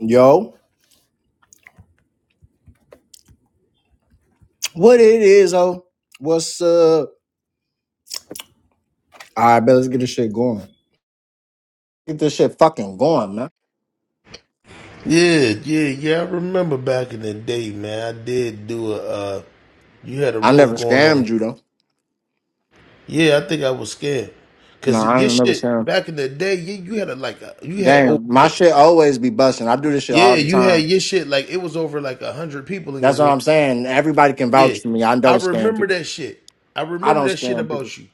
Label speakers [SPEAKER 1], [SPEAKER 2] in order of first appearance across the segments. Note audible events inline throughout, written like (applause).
[SPEAKER 1] Yo, what it is, oh? What's up? All right, bet let's get this shit going. Get this shit fucking going, man.
[SPEAKER 2] Yeah, yeah, yeah. I remember back in the day, man. I did do a. Uh, you had a
[SPEAKER 1] I never
[SPEAKER 2] room going
[SPEAKER 1] scammed
[SPEAKER 2] on.
[SPEAKER 1] you though.
[SPEAKER 2] Yeah, I think I was scared,
[SPEAKER 1] No,
[SPEAKER 2] cause
[SPEAKER 1] I
[SPEAKER 2] your
[SPEAKER 1] ain't never
[SPEAKER 2] shit
[SPEAKER 1] scammed.
[SPEAKER 2] back in the day, you, you had a like a, you had over
[SPEAKER 1] Damn, my
[SPEAKER 2] like
[SPEAKER 1] shit always be busting. I do this shit all
[SPEAKER 2] yeah,
[SPEAKER 1] the
[SPEAKER 2] you had
[SPEAKER 1] time.
[SPEAKER 2] your shit like it was over like a hundred people in your
[SPEAKER 1] That's what
[SPEAKER 2] room.
[SPEAKER 1] I'm
[SPEAKER 2] right?
[SPEAKER 1] saying. Everybody can
[SPEAKER 2] Yeah,
[SPEAKER 1] vouch for me. I
[SPEAKER 2] I
[SPEAKER 1] don't scam
[SPEAKER 2] remember
[SPEAKER 1] people.
[SPEAKER 2] that shit. I
[SPEAKER 1] I
[SPEAKER 2] remember
[SPEAKER 1] don't
[SPEAKER 2] that shit
[SPEAKER 1] scam people.
[SPEAKER 2] about you.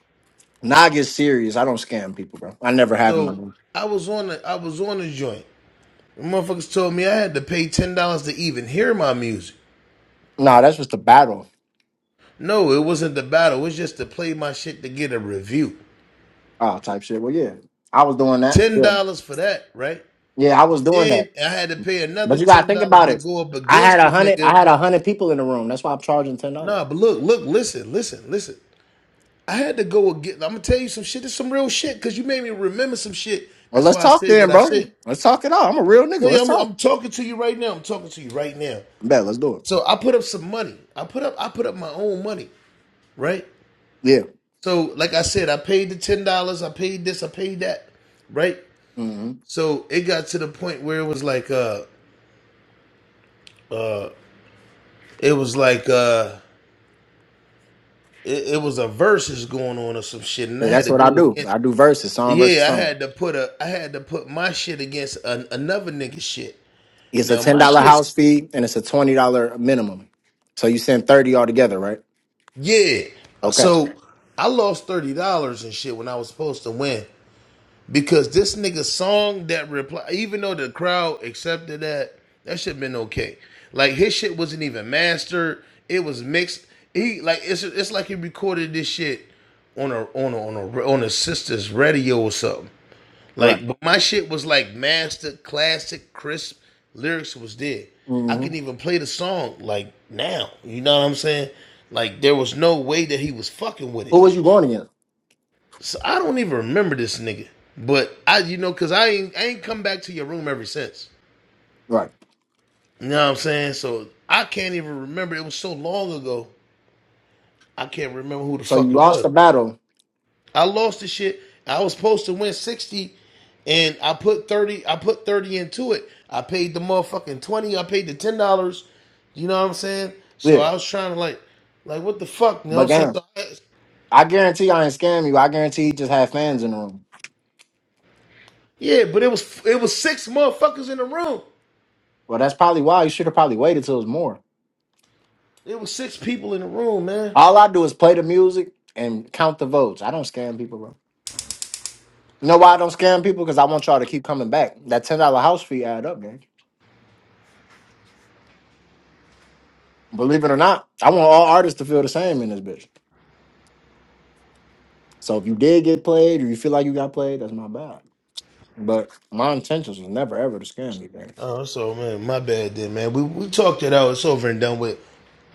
[SPEAKER 1] Now I get serious. I don't scam people, bro. I never have in my
[SPEAKER 2] So
[SPEAKER 1] life.
[SPEAKER 2] I was on the I was on the joint. The motherfuckers told me I had to pay ten dollars to even hear my music.
[SPEAKER 1] Nah, that's just a battle.
[SPEAKER 2] No, it wasn't the battle. It's just to play my shit to get a review.
[SPEAKER 1] Oh, type shit. Well, yeah, I was doing that.
[SPEAKER 2] ten
[SPEAKER 1] Yeah,
[SPEAKER 2] dollars for that, right?
[SPEAKER 1] yeah, I was
[SPEAKER 2] And
[SPEAKER 1] doing that.
[SPEAKER 2] then I had to pay
[SPEAKER 1] But
[SPEAKER 2] another
[SPEAKER 1] you gotta
[SPEAKER 2] ten
[SPEAKER 1] think
[SPEAKER 2] dollars
[SPEAKER 1] about
[SPEAKER 2] to
[SPEAKER 1] it.
[SPEAKER 2] go up
[SPEAKER 1] I had
[SPEAKER 2] against
[SPEAKER 1] a
[SPEAKER 2] the
[SPEAKER 1] hundred. I
[SPEAKER 2] nigga.
[SPEAKER 1] had a hundred people in the room. That's why I'm charging ten dollars.
[SPEAKER 2] Nah, but look, look, listen, listen, listen. I had to go again. I'm gonna tell you some shit. It's some real shit because you made me remember some shit.
[SPEAKER 1] Well,
[SPEAKER 2] That's
[SPEAKER 1] let's
[SPEAKER 2] why I
[SPEAKER 1] talk
[SPEAKER 2] said
[SPEAKER 1] then,
[SPEAKER 2] what I
[SPEAKER 1] bro.
[SPEAKER 2] said.
[SPEAKER 1] Let's talk it out. I'm a real nigga.
[SPEAKER 2] Yeah, yeah,
[SPEAKER 1] Let's
[SPEAKER 2] I'm,
[SPEAKER 1] talk.
[SPEAKER 2] I'm talking to you right now. I'm talking to you right now.
[SPEAKER 1] Bet. Let's do it.
[SPEAKER 2] So I put up some money. I put up, I put up my own money, right?
[SPEAKER 1] Yeah.
[SPEAKER 2] So like I said, I paid the ten dollars. I paid this. I paid that, right?
[SPEAKER 1] hmm
[SPEAKER 2] So it got to the point where it was like, uh, it was like, uh. it, it was a versus going on or some shit, and I
[SPEAKER 1] Yeah.
[SPEAKER 2] had
[SPEAKER 1] That's
[SPEAKER 2] to
[SPEAKER 1] what I
[SPEAKER 2] go
[SPEAKER 1] do.
[SPEAKER 2] against.
[SPEAKER 1] I do verses, song versus
[SPEAKER 2] Yeah, I
[SPEAKER 1] song.
[SPEAKER 2] had to put a, I had to put my shit against an, another nigga shit.
[SPEAKER 1] It's a
[SPEAKER 2] Now
[SPEAKER 1] ten
[SPEAKER 2] my
[SPEAKER 1] dollar
[SPEAKER 2] shit's
[SPEAKER 1] house fee and it's a twenty dollar minimum. So you send thirty altogether, right?
[SPEAKER 2] yeah.
[SPEAKER 1] Okay.
[SPEAKER 2] So I lost thirty dollars and shit when I was supposed to win because this nigga song that reply, even though the crowd accepted that, that shit been okay. Like his shit wasn't even mastered; it was mixed. He like it's it's like he recorded this shit on a on a on a on his sister's radio or something.
[SPEAKER 1] All right.
[SPEAKER 2] Like, but my shit was like master, classic, crisp lyrics was there. I
[SPEAKER 1] Mm-hmm.
[SPEAKER 2] can even play the song like now. You know what I'm saying? Like there was no way that he was fucking with
[SPEAKER 1] Who
[SPEAKER 2] it.
[SPEAKER 1] was you going against?
[SPEAKER 2] So I don't even remember this nigga. But I, you know, cause I ain't, I ain't come back to your room ever since.
[SPEAKER 1] Right.
[SPEAKER 2] You know what I'm saying? So I can't even remember. It was so long ago. I can't remember who the
[SPEAKER 1] So you
[SPEAKER 2] fuck it
[SPEAKER 1] lost
[SPEAKER 2] was.
[SPEAKER 1] the battle.
[SPEAKER 2] I lost the shit. I was supposed to win 60 and I put 30 I put 30 into it. I paid the motherfucking 20. I paid the $10. You know what I'm saying? So
[SPEAKER 1] Yeah.
[SPEAKER 2] I was trying to like like what the fuck, you know what
[SPEAKER 1] But
[SPEAKER 2] I'm saying?
[SPEAKER 1] damn,
[SPEAKER 2] So
[SPEAKER 1] I guarantee I ain't scam you. I guarantee you just had fans in the room.
[SPEAKER 2] yeah, but it was it was six motherfuckers in the room.
[SPEAKER 1] Well, that's probably why you should have probably waited till it was more.
[SPEAKER 2] It was six people in the room, man.
[SPEAKER 1] All I do is play the music and count the votes. I don't scam people, bro. You know why I don't scam people? Because I want y'all to keep coming back. That ten dollar house fee add up, gang. Believe it or not, I want all artists to feel the same in this bitch. So if you did get played or you feel like you got played, that's my bad. But my intentions was never ever to scam you, man.
[SPEAKER 2] Oh, so man, my bad then, man. We we talked it out. It's over and done with.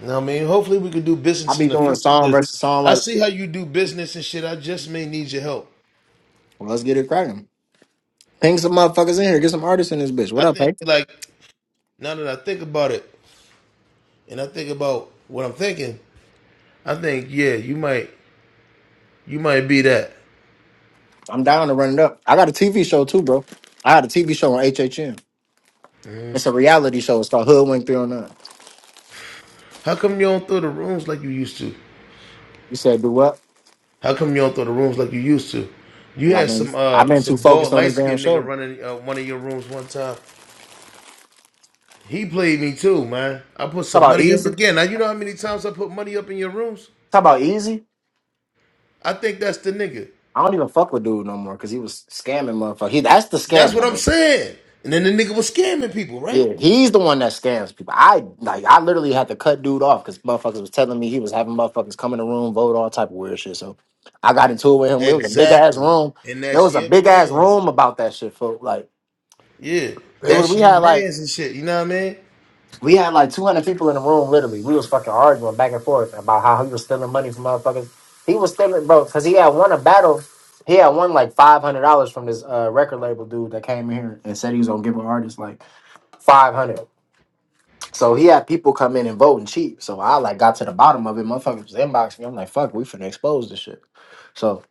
[SPEAKER 2] You know what I mean? Hopefully we can do
[SPEAKER 1] I
[SPEAKER 2] business
[SPEAKER 1] be
[SPEAKER 2] in the
[SPEAKER 1] doing
[SPEAKER 2] future
[SPEAKER 1] song
[SPEAKER 2] 'cause
[SPEAKER 1] versus song
[SPEAKER 2] I
[SPEAKER 1] like,
[SPEAKER 2] see how you do business and shit. I just may need your help.
[SPEAKER 1] well, let's get it cracking. Ping some motherfuckers in here. Get some artists in this bitch. What
[SPEAKER 2] I
[SPEAKER 1] up, hey?
[SPEAKER 2] think like Now that I think about it, and I think about what I'm thinking, I think, yeah, you might, you might be that.
[SPEAKER 1] I'm down to run it up. I got a TV show too, bro. I had a TV show on HHN. It's a reality show. It's called Hoodwink 309.
[SPEAKER 2] How come you don't throw the rooms like you used to?
[SPEAKER 1] You said do what?
[SPEAKER 2] How come you don't throw the rooms like you used to? You
[SPEAKER 1] Because I've
[SPEAKER 2] had
[SPEAKER 1] been
[SPEAKER 2] some,
[SPEAKER 1] I've
[SPEAKER 2] uh,
[SPEAKER 1] been too
[SPEAKER 2] some
[SPEAKER 1] focused
[SPEAKER 2] bald
[SPEAKER 1] on this
[SPEAKER 2] light
[SPEAKER 1] damn
[SPEAKER 2] skinned nigga
[SPEAKER 1] show.
[SPEAKER 2] running uh, one of your rooms one time. He played me too, man. I put
[SPEAKER 1] Talk
[SPEAKER 2] some
[SPEAKER 1] about
[SPEAKER 2] money up
[SPEAKER 1] easy.
[SPEAKER 2] again. Now you know how many times I put money up in your rooms?
[SPEAKER 1] Talk about easy.
[SPEAKER 2] I think that's the nigga.
[SPEAKER 1] I don't even fuck with dude no more because he was scamming motherfucker. He that's the
[SPEAKER 2] That's what
[SPEAKER 1] scammer,
[SPEAKER 2] I'm
[SPEAKER 1] bro.
[SPEAKER 2] saying. And then the nigga was scamming people, right?
[SPEAKER 1] Yeah, he's the one that scams people. I like I literally had to cut dude off because motherfuckers was telling me he was having motherfuckers come in the room, vote all type of weird shit. So I got into it with him. It was a big ass
[SPEAKER 2] Exactly.
[SPEAKER 1] room.
[SPEAKER 2] And
[SPEAKER 1] There
[SPEAKER 2] that's
[SPEAKER 1] was a
[SPEAKER 2] your
[SPEAKER 1] big ass
[SPEAKER 2] man.
[SPEAKER 1] room about that shit, folks. Like
[SPEAKER 2] Yeah,
[SPEAKER 1] it was
[SPEAKER 2] that's
[SPEAKER 1] we
[SPEAKER 2] your
[SPEAKER 1] had like
[SPEAKER 2] man's and shit. You know what I mean?
[SPEAKER 1] We had like 200 people in the room, literally. We was fucking arguing back and forth about how he was stealing money from motherfuckers. He was stealing, bro, because he had won a battle. He had won like $500 from this uh, record label dude that came in here and said he was going to give an artist like 500 So he had people come in and vote and cheat. So I like got to the bottom of it. Motherfuckers was inboxing me. I'm like, fuck, we finna expose this shit. So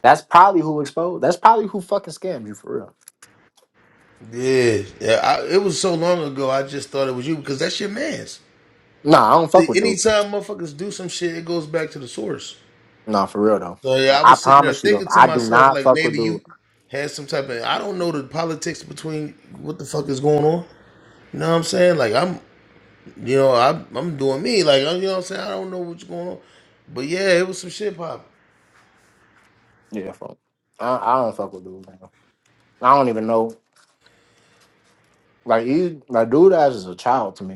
[SPEAKER 1] that's probably who exposed. That's probably who fucking scammed you for real.
[SPEAKER 2] Yeah, yeah. I, it was so long ago. I just thought it was you because that's your man's.
[SPEAKER 1] Nah, I don't fuck
[SPEAKER 2] See,
[SPEAKER 1] with dude.
[SPEAKER 2] anytime motherfuckers do some shit, it goes back to the source.
[SPEAKER 1] Nah, for real though.
[SPEAKER 2] So yeah, I
[SPEAKER 1] I
[SPEAKER 2] was sitting there
[SPEAKER 1] promise you though,
[SPEAKER 2] thinking to
[SPEAKER 1] I do
[SPEAKER 2] myself
[SPEAKER 1] not
[SPEAKER 2] like
[SPEAKER 1] fuck with
[SPEAKER 2] maybe
[SPEAKER 1] dude.
[SPEAKER 2] you had some type of I don't know the politics between what the fuck is going on. You know what I'm saying? Like I'm, you know, I'm I'm doing me. Like you know what I'm saying? I don't know what's going on, but yeah, it was some shit popping.
[SPEAKER 1] Yeah, fuck. I, I don't fuck with dude. Man. I don't even know. Like he, like dude, ass is a child to me.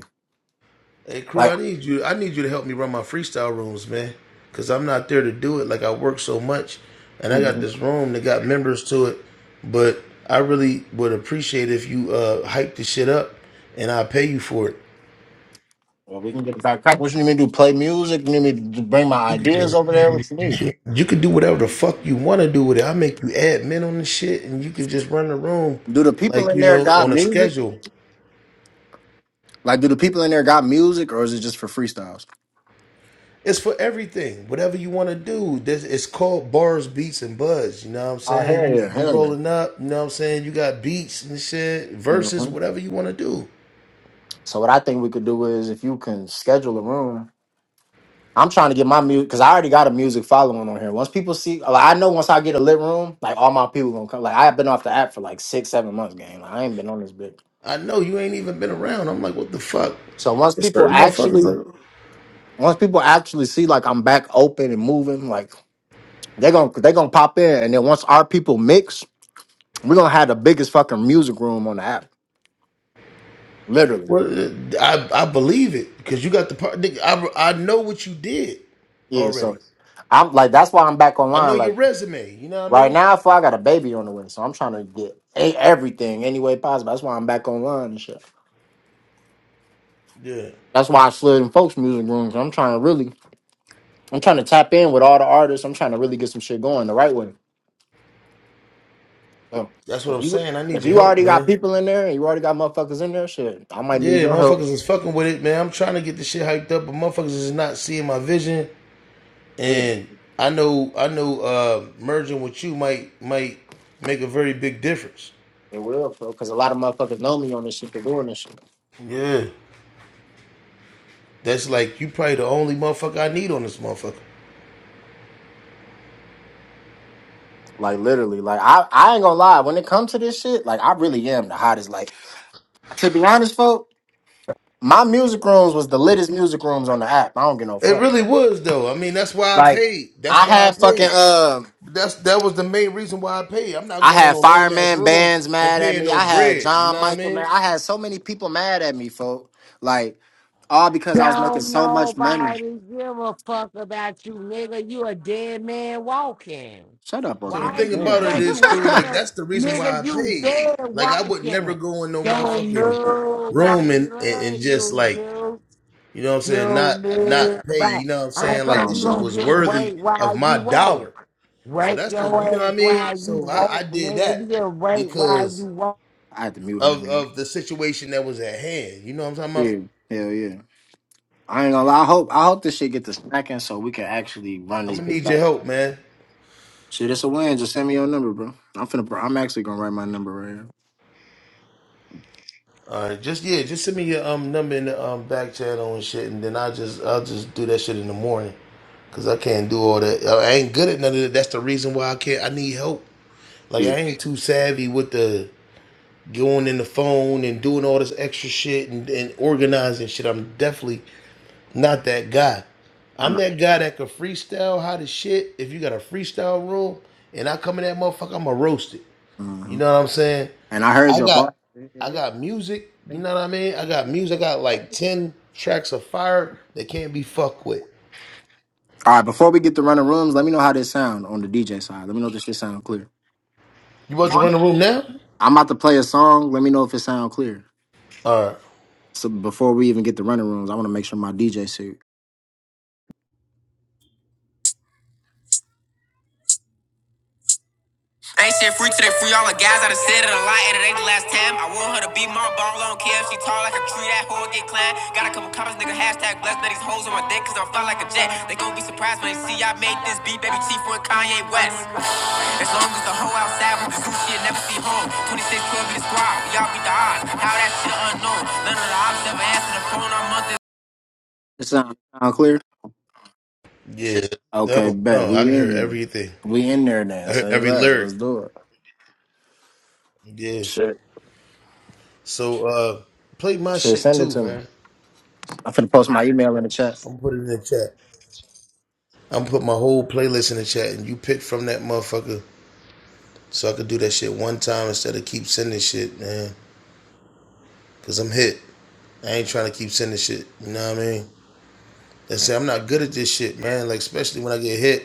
[SPEAKER 2] Hey crew,
[SPEAKER 1] Like
[SPEAKER 2] I need you. I need you to help me run my freestyle rooms, man. Cause I'm not there to do it. Like I work so much, and I got
[SPEAKER 1] Mhm.
[SPEAKER 2] this room that got members to it. But I really would appreciate if you uh hype the shit up, and I pay you for it.
[SPEAKER 1] well, we can get back. What you need me to do? Play music? You need me to bring my
[SPEAKER 2] You
[SPEAKER 1] ideas
[SPEAKER 2] could
[SPEAKER 1] over there? What you need?
[SPEAKER 2] you could do whatever the fuck you want to do with it. I make you admin on the shit, and you could just run the room,
[SPEAKER 1] Do the people
[SPEAKER 2] like
[SPEAKER 1] in
[SPEAKER 2] you
[SPEAKER 1] there
[SPEAKER 2] know,
[SPEAKER 1] got
[SPEAKER 2] on a
[SPEAKER 1] music?
[SPEAKER 2] schedule.
[SPEAKER 1] Like, do the people in there got music, or is it just for freestyles?
[SPEAKER 2] It's for everything. Whatever you want to do. This it's called bars, beats, and buzz. You know what I'm
[SPEAKER 1] Oh
[SPEAKER 2] saying?
[SPEAKER 1] hell
[SPEAKER 2] You
[SPEAKER 1] yeah,
[SPEAKER 2] you
[SPEAKER 1] hell yeah.
[SPEAKER 2] rolling up, you know what I'm saying? You got beats and shit, verses,
[SPEAKER 1] hmm
[SPEAKER 2] whatever you want to do.
[SPEAKER 1] So what I think we could do is if you can schedule a room. I'm trying to get my music because I already got a music following on here. Once people see, like, I know once I get a lit room, like all my people gonna come. Like I've been off the app for like six, seven months, game. Like, I ain't been on this bitch.
[SPEAKER 2] I know you ain't even been around. I'm like, what the fuck?
[SPEAKER 1] So once
[SPEAKER 2] There's
[SPEAKER 1] people
[SPEAKER 2] certain motherfuckers
[SPEAKER 1] actually,
[SPEAKER 2] like
[SPEAKER 1] once people actually see like I'm back open and moving, like they gonna they gonna pop in, and then once our people mix, we're gonna have the biggest fucking music room on the app, literally.
[SPEAKER 2] well, I I believe it because you got the part. nigga, I I know what you did
[SPEAKER 1] Yeah.
[SPEAKER 2] already.
[SPEAKER 1] So I'm like, that's why I'm back
[SPEAKER 2] I
[SPEAKER 1] online.
[SPEAKER 2] know
[SPEAKER 1] Like
[SPEAKER 2] your resume. You know what I
[SPEAKER 1] right
[SPEAKER 2] mean?
[SPEAKER 1] now, for I got a baby on the way, so I'm trying to get a- everything any way possible. That's why I'm back online and shit.
[SPEAKER 2] Yeah,
[SPEAKER 1] That's why I slid in folks music rooms. I'm trying to really, I'm trying to tap in with all the artists. I'm trying to really get some shit going the right way. So
[SPEAKER 2] that's what
[SPEAKER 1] if
[SPEAKER 2] I'm
[SPEAKER 1] you
[SPEAKER 2] saying. I
[SPEAKER 1] if
[SPEAKER 2] need your
[SPEAKER 1] you
[SPEAKER 2] help,
[SPEAKER 1] already got
[SPEAKER 2] man.
[SPEAKER 1] people in there and you already got motherfuckers in there, shit, I might need
[SPEAKER 2] Yeah,
[SPEAKER 1] your help.
[SPEAKER 2] motherfuckers is fucking with it, man. I'm trying to get this shit hyped up, but motherfuckers is not seeing my vision.
[SPEAKER 1] Oh, yeah,
[SPEAKER 2] And I know, I know, uh, merging with you might might make a very big difference.
[SPEAKER 1] it will, bro. Because a lot of motherfuckers know me on this shit They're doing this shit.
[SPEAKER 2] Yeah, that's like you probably the only motherfucker I need on this motherfucker.
[SPEAKER 1] Like literally, like I I ain't gonna lie. When it comes to this shit, like I really am the hottest. Like to be honest, folk, my music rooms was the littest music rooms on the app. I don't give no
[SPEAKER 2] It
[SPEAKER 1] fuck.
[SPEAKER 2] really was though. I mean, that's why I
[SPEAKER 1] Like
[SPEAKER 2] paid. That's
[SPEAKER 1] I
[SPEAKER 2] why I
[SPEAKER 1] had fucking
[SPEAKER 2] paid.
[SPEAKER 1] um.
[SPEAKER 2] That's that was the main reason why I paid. I'm not
[SPEAKER 1] I
[SPEAKER 2] going on
[SPEAKER 1] had
[SPEAKER 2] no lame ass
[SPEAKER 1] fireman
[SPEAKER 2] room
[SPEAKER 1] bands
[SPEAKER 2] and
[SPEAKER 1] mad at
[SPEAKER 2] paying
[SPEAKER 1] me.
[SPEAKER 2] no
[SPEAKER 1] I had
[SPEAKER 2] bread. You
[SPEAKER 1] John
[SPEAKER 2] know what I
[SPEAKER 1] Michael
[SPEAKER 2] mean?
[SPEAKER 1] man. I had so many people mad at me, folk. Like all because I was making
[SPEAKER 3] Don't
[SPEAKER 1] so much money.
[SPEAKER 3] nobody give a fuck about you, nigga. You a dead man walking.
[SPEAKER 1] Shut up,
[SPEAKER 2] So the
[SPEAKER 3] Why
[SPEAKER 1] organic.
[SPEAKER 2] thing
[SPEAKER 3] you
[SPEAKER 2] about it
[SPEAKER 3] say
[SPEAKER 1] Damn.
[SPEAKER 3] you
[SPEAKER 2] is,
[SPEAKER 1] (laughs)
[SPEAKER 2] crew, like
[SPEAKER 3] wanna,
[SPEAKER 2] that's the reason why I
[SPEAKER 3] nigga? You
[SPEAKER 2] paid.
[SPEAKER 3] dead
[SPEAKER 2] Like I would never
[SPEAKER 3] walking.
[SPEAKER 2] go in no
[SPEAKER 3] Don't
[SPEAKER 2] motherfucking room
[SPEAKER 3] nobody
[SPEAKER 2] and, and,
[SPEAKER 3] love
[SPEAKER 2] and just
[SPEAKER 3] you,
[SPEAKER 2] like,
[SPEAKER 3] dude.
[SPEAKER 2] you know what I'm
[SPEAKER 3] You
[SPEAKER 2] saying, not
[SPEAKER 3] nobody.
[SPEAKER 2] not pay, you know what I'm
[SPEAKER 3] That's
[SPEAKER 2] saying?
[SPEAKER 1] Hold
[SPEAKER 3] why
[SPEAKER 2] Like
[SPEAKER 1] on,
[SPEAKER 2] this
[SPEAKER 3] you
[SPEAKER 2] shit
[SPEAKER 1] bro.
[SPEAKER 3] don't
[SPEAKER 2] was
[SPEAKER 3] get
[SPEAKER 2] worthy
[SPEAKER 3] raped
[SPEAKER 2] of
[SPEAKER 3] while you
[SPEAKER 2] my dollar.
[SPEAKER 3] walk.
[SPEAKER 2] So
[SPEAKER 3] Rape
[SPEAKER 2] that's the
[SPEAKER 3] your
[SPEAKER 2] you know what
[SPEAKER 3] ass
[SPEAKER 2] I mean?
[SPEAKER 3] while you
[SPEAKER 2] So I, I
[SPEAKER 3] walk,
[SPEAKER 2] did
[SPEAKER 3] nigga. You
[SPEAKER 2] that
[SPEAKER 3] get raped while you
[SPEAKER 2] because
[SPEAKER 3] walk.
[SPEAKER 1] I had to mute her,
[SPEAKER 2] of
[SPEAKER 1] man.
[SPEAKER 2] of the situation that was at hand. You know what I'm talking about?
[SPEAKER 1] Yeah, hell yeah. I ain't gonna lie. I hope I hope this shit get to snacking so we can actually run
[SPEAKER 2] I'm
[SPEAKER 1] this
[SPEAKER 2] gonna
[SPEAKER 1] bitch
[SPEAKER 2] need your
[SPEAKER 1] back.
[SPEAKER 2] help, man.
[SPEAKER 1] Shit, it's a win. Just send me your number, bro. I'm finna. I'm actually gonna write my number right
[SPEAKER 2] All right, just yeah, just send me your um number in the um back channel and shit, and then I will just I'll just do that shit in the morning. Cause I can't do all that. I ain't good at none of that. That's the reason why I can't. I need help.
[SPEAKER 1] here.
[SPEAKER 2] Like I
[SPEAKER 1] Yeah,
[SPEAKER 2] ain't too savvy with the going in the phone and doing all this extra shit and, and organizing shit. I'm definitely not that guy.
[SPEAKER 1] I
[SPEAKER 2] I'm
[SPEAKER 1] know.
[SPEAKER 2] that guy that can freestyle how to shit. If you got a freestyle room and I come in that motherfucker, I'ma roast it. You
[SPEAKER 1] Mhm.
[SPEAKER 2] know what I'm saying?
[SPEAKER 1] And I heard
[SPEAKER 2] I
[SPEAKER 1] your
[SPEAKER 2] got
[SPEAKER 1] bar.
[SPEAKER 2] I got music. You know what I mean? I got music. I got like ten tracks of fire that can't be fucked with.
[SPEAKER 1] All right, before we get to running rooms, let me know how this sound on the DJ side. Let me know if this shit sound clear.
[SPEAKER 2] You about to
[SPEAKER 1] What?
[SPEAKER 2] run the room now?
[SPEAKER 1] I'm about to play a song. Let me know if it sound clear.
[SPEAKER 2] All right.
[SPEAKER 1] So before we even get to running rooms, I want to make sure my DJ suit. Ain't shit free till they free all the guys. I done said it a lot, and it ain't the last time. I want her to be my ball on Kim. She tall like a tree, that hoe get climbed. Got a couple comments, nigga. Hashtag blessed. Now these hoes on my dick, cause I'm fly like a jet. They gon' be surprised when they see I made this beat, baby chief with Kanye West. As long as the whole outside with the crew, shit never see home. 26, twelve in the squad, we all beat the odds. How that shit unknown? None of the ops ever answer the phone. I'm It sound, sound clear?
[SPEAKER 2] Yeah, that
[SPEAKER 1] Okay,
[SPEAKER 2] was
[SPEAKER 1] bet.
[SPEAKER 2] no, I
[SPEAKER 1] We
[SPEAKER 2] can hear
[SPEAKER 1] in
[SPEAKER 2] everything.
[SPEAKER 1] we in there
[SPEAKER 2] I
[SPEAKER 1] then.
[SPEAKER 2] heard
[SPEAKER 1] Say
[SPEAKER 2] every
[SPEAKER 1] less.
[SPEAKER 2] lyric.
[SPEAKER 1] Let's do it.
[SPEAKER 2] Yeah.
[SPEAKER 1] Shit.
[SPEAKER 2] So uh play my
[SPEAKER 1] Shit,
[SPEAKER 2] shit
[SPEAKER 1] send it
[SPEAKER 2] too,
[SPEAKER 1] to me.
[SPEAKER 2] man.
[SPEAKER 1] I'm finna post my email in the chat.
[SPEAKER 2] I'm put it in the chat. I'm put my whole playlist in the chat and you pick from that motherfucker so I could do that shit one time instead of keep sending shit, man. Cause I'm hit. I ain't trying to keep sending shit. You know what I mean? They say I'm not good at this shit, man. Like especially when I get hit.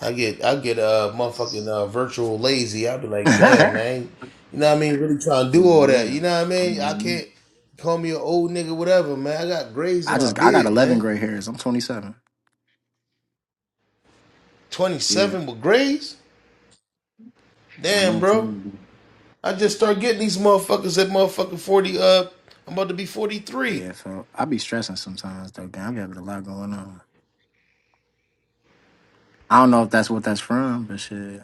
[SPEAKER 2] I get I get uh motherfucking uh, virtual lazy. I'll be
[SPEAKER 1] (laughs)
[SPEAKER 2] like, damn
[SPEAKER 1] yeah.
[SPEAKER 2] man, you know what I mean? Really trying to do
[SPEAKER 1] I'm
[SPEAKER 2] all that, you
[SPEAKER 1] not
[SPEAKER 2] know what I mean? I can't call me an old nigga, whatever, man. I got grays in
[SPEAKER 1] I
[SPEAKER 2] my
[SPEAKER 1] just I got
[SPEAKER 2] beard,
[SPEAKER 1] eleven
[SPEAKER 2] man.
[SPEAKER 1] gray hairs. I'm twenty seven.
[SPEAKER 2] Twenty
[SPEAKER 1] Yeah.
[SPEAKER 2] seven with grays,
[SPEAKER 1] I'm
[SPEAKER 2] damn, bro.
[SPEAKER 1] nineteen.
[SPEAKER 2] I just start getting these motherfuckers at motherfucking forty. Uh, I'm about to be forty three.
[SPEAKER 1] Yeah, so I be stressing sometimes though, gang. I be having a lot going on. I don't know if that's what that's from, but shit.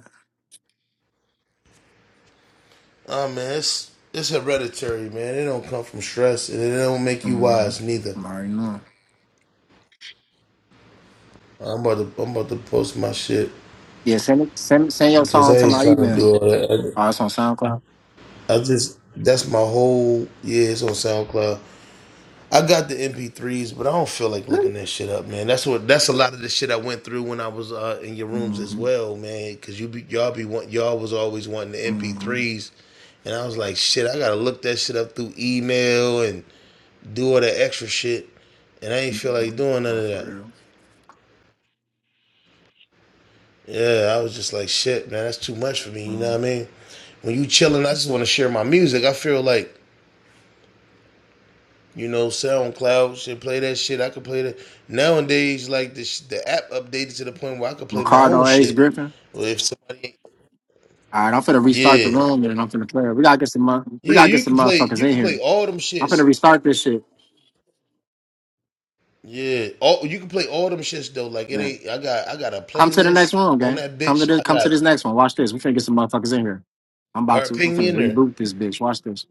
[SPEAKER 2] Oh man, it's it's hereditary, man. It don't come from stress, and it don't make you
[SPEAKER 1] Mm,
[SPEAKER 2] wise neither.
[SPEAKER 1] I'm already knowing.
[SPEAKER 2] I'm about to I'm about to post my shit
[SPEAKER 1] Yeah, send it, send send your
[SPEAKER 2] because
[SPEAKER 1] song
[SPEAKER 2] I
[SPEAKER 1] to
[SPEAKER 2] ain't
[SPEAKER 1] my
[SPEAKER 2] trying to
[SPEAKER 1] email.
[SPEAKER 2] do all that.
[SPEAKER 1] Oh, it's on SoundCloud.
[SPEAKER 2] I just that's my whole yeah, it's on SoundCloud. I got the MP3s, but I don't feel like looking that shit up, man. That's what that's a lot of the shit I went through when I was uh, in your rooms as
[SPEAKER 1] Mm-hmm.
[SPEAKER 2] well, man. Cause you be y'all be want y'all was always wanting the
[SPEAKER 1] Mm-hmm.
[SPEAKER 2] MP3s, and I was like, shit, I gotta look that shit up through email and do all that extra shit, and I ain't feel
[SPEAKER 1] hmm
[SPEAKER 2] like doing none
[SPEAKER 1] Not
[SPEAKER 2] of
[SPEAKER 1] for
[SPEAKER 2] that.
[SPEAKER 1] real.
[SPEAKER 2] Yeah, I was just like, shit, man, that's too much for me. You know
[SPEAKER 1] Mm.
[SPEAKER 2] what I mean? When you chilling, I just want to share my music. I feel like You know, SoundCloud should play that shit. I could play that. Nowadays, like the the app updated to the point where I could play my own
[SPEAKER 1] Ricardo Ace
[SPEAKER 2] shit.
[SPEAKER 1] Griffin.
[SPEAKER 2] Or if somebody,
[SPEAKER 1] All right, I'm finna restart the
[SPEAKER 2] yeah,
[SPEAKER 1] room and I'm finna play. it. We gotta get some mon- we
[SPEAKER 2] yeah,
[SPEAKER 1] gotta get
[SPEAKER 2] you
[SPEAKER 1] some
[SPEAKER 2] can play.
[SPEAKER 1] motherfuckers
[SPEAKER 2] You
[SPEAKER 1] in
[SPEAKER 2] can play
[SPEAKER 1] here.
[SPEAKER 2] all them
[SPEAKER 1] I'm finna
[SPEAKER 2] shits.
[SPEAKER 1] restart this shit.
[SPEAKER 2] Yeah, all you can play all them shits though. Like it
[SPEAKER 1] Man.
[SPEAKER 2] ain't. I got I got a
[SPEAKER 1] Come to the next
[SPEAKER 2] playlist
[SPEAKER 1] room,
[SPEAKER 2] on
[SPEAKER 1] gang.
[SPEAKER 2] that
[SPEAKER 1] Come to
[SPEAKER 2] bitch.
[SPEAKER 1] this
[SPEAKER 2] I
[SPEAKER 1] come to
[SPEAKER 2] got.
[SPEAKER 1] this next one. Watch this. We finna get some motherfuckers in here. I'm
[SPEAKER 2] All
[SPEAKER 1] about
[SPEAKER 2] right,
[SPEAKER 1] to. I'm
[SPEAKER 2] ping me
[SPEAKER 1] finna
[SPEAKER 2] in there.
[SPEAKER 1] reboot this bitch. Watch this.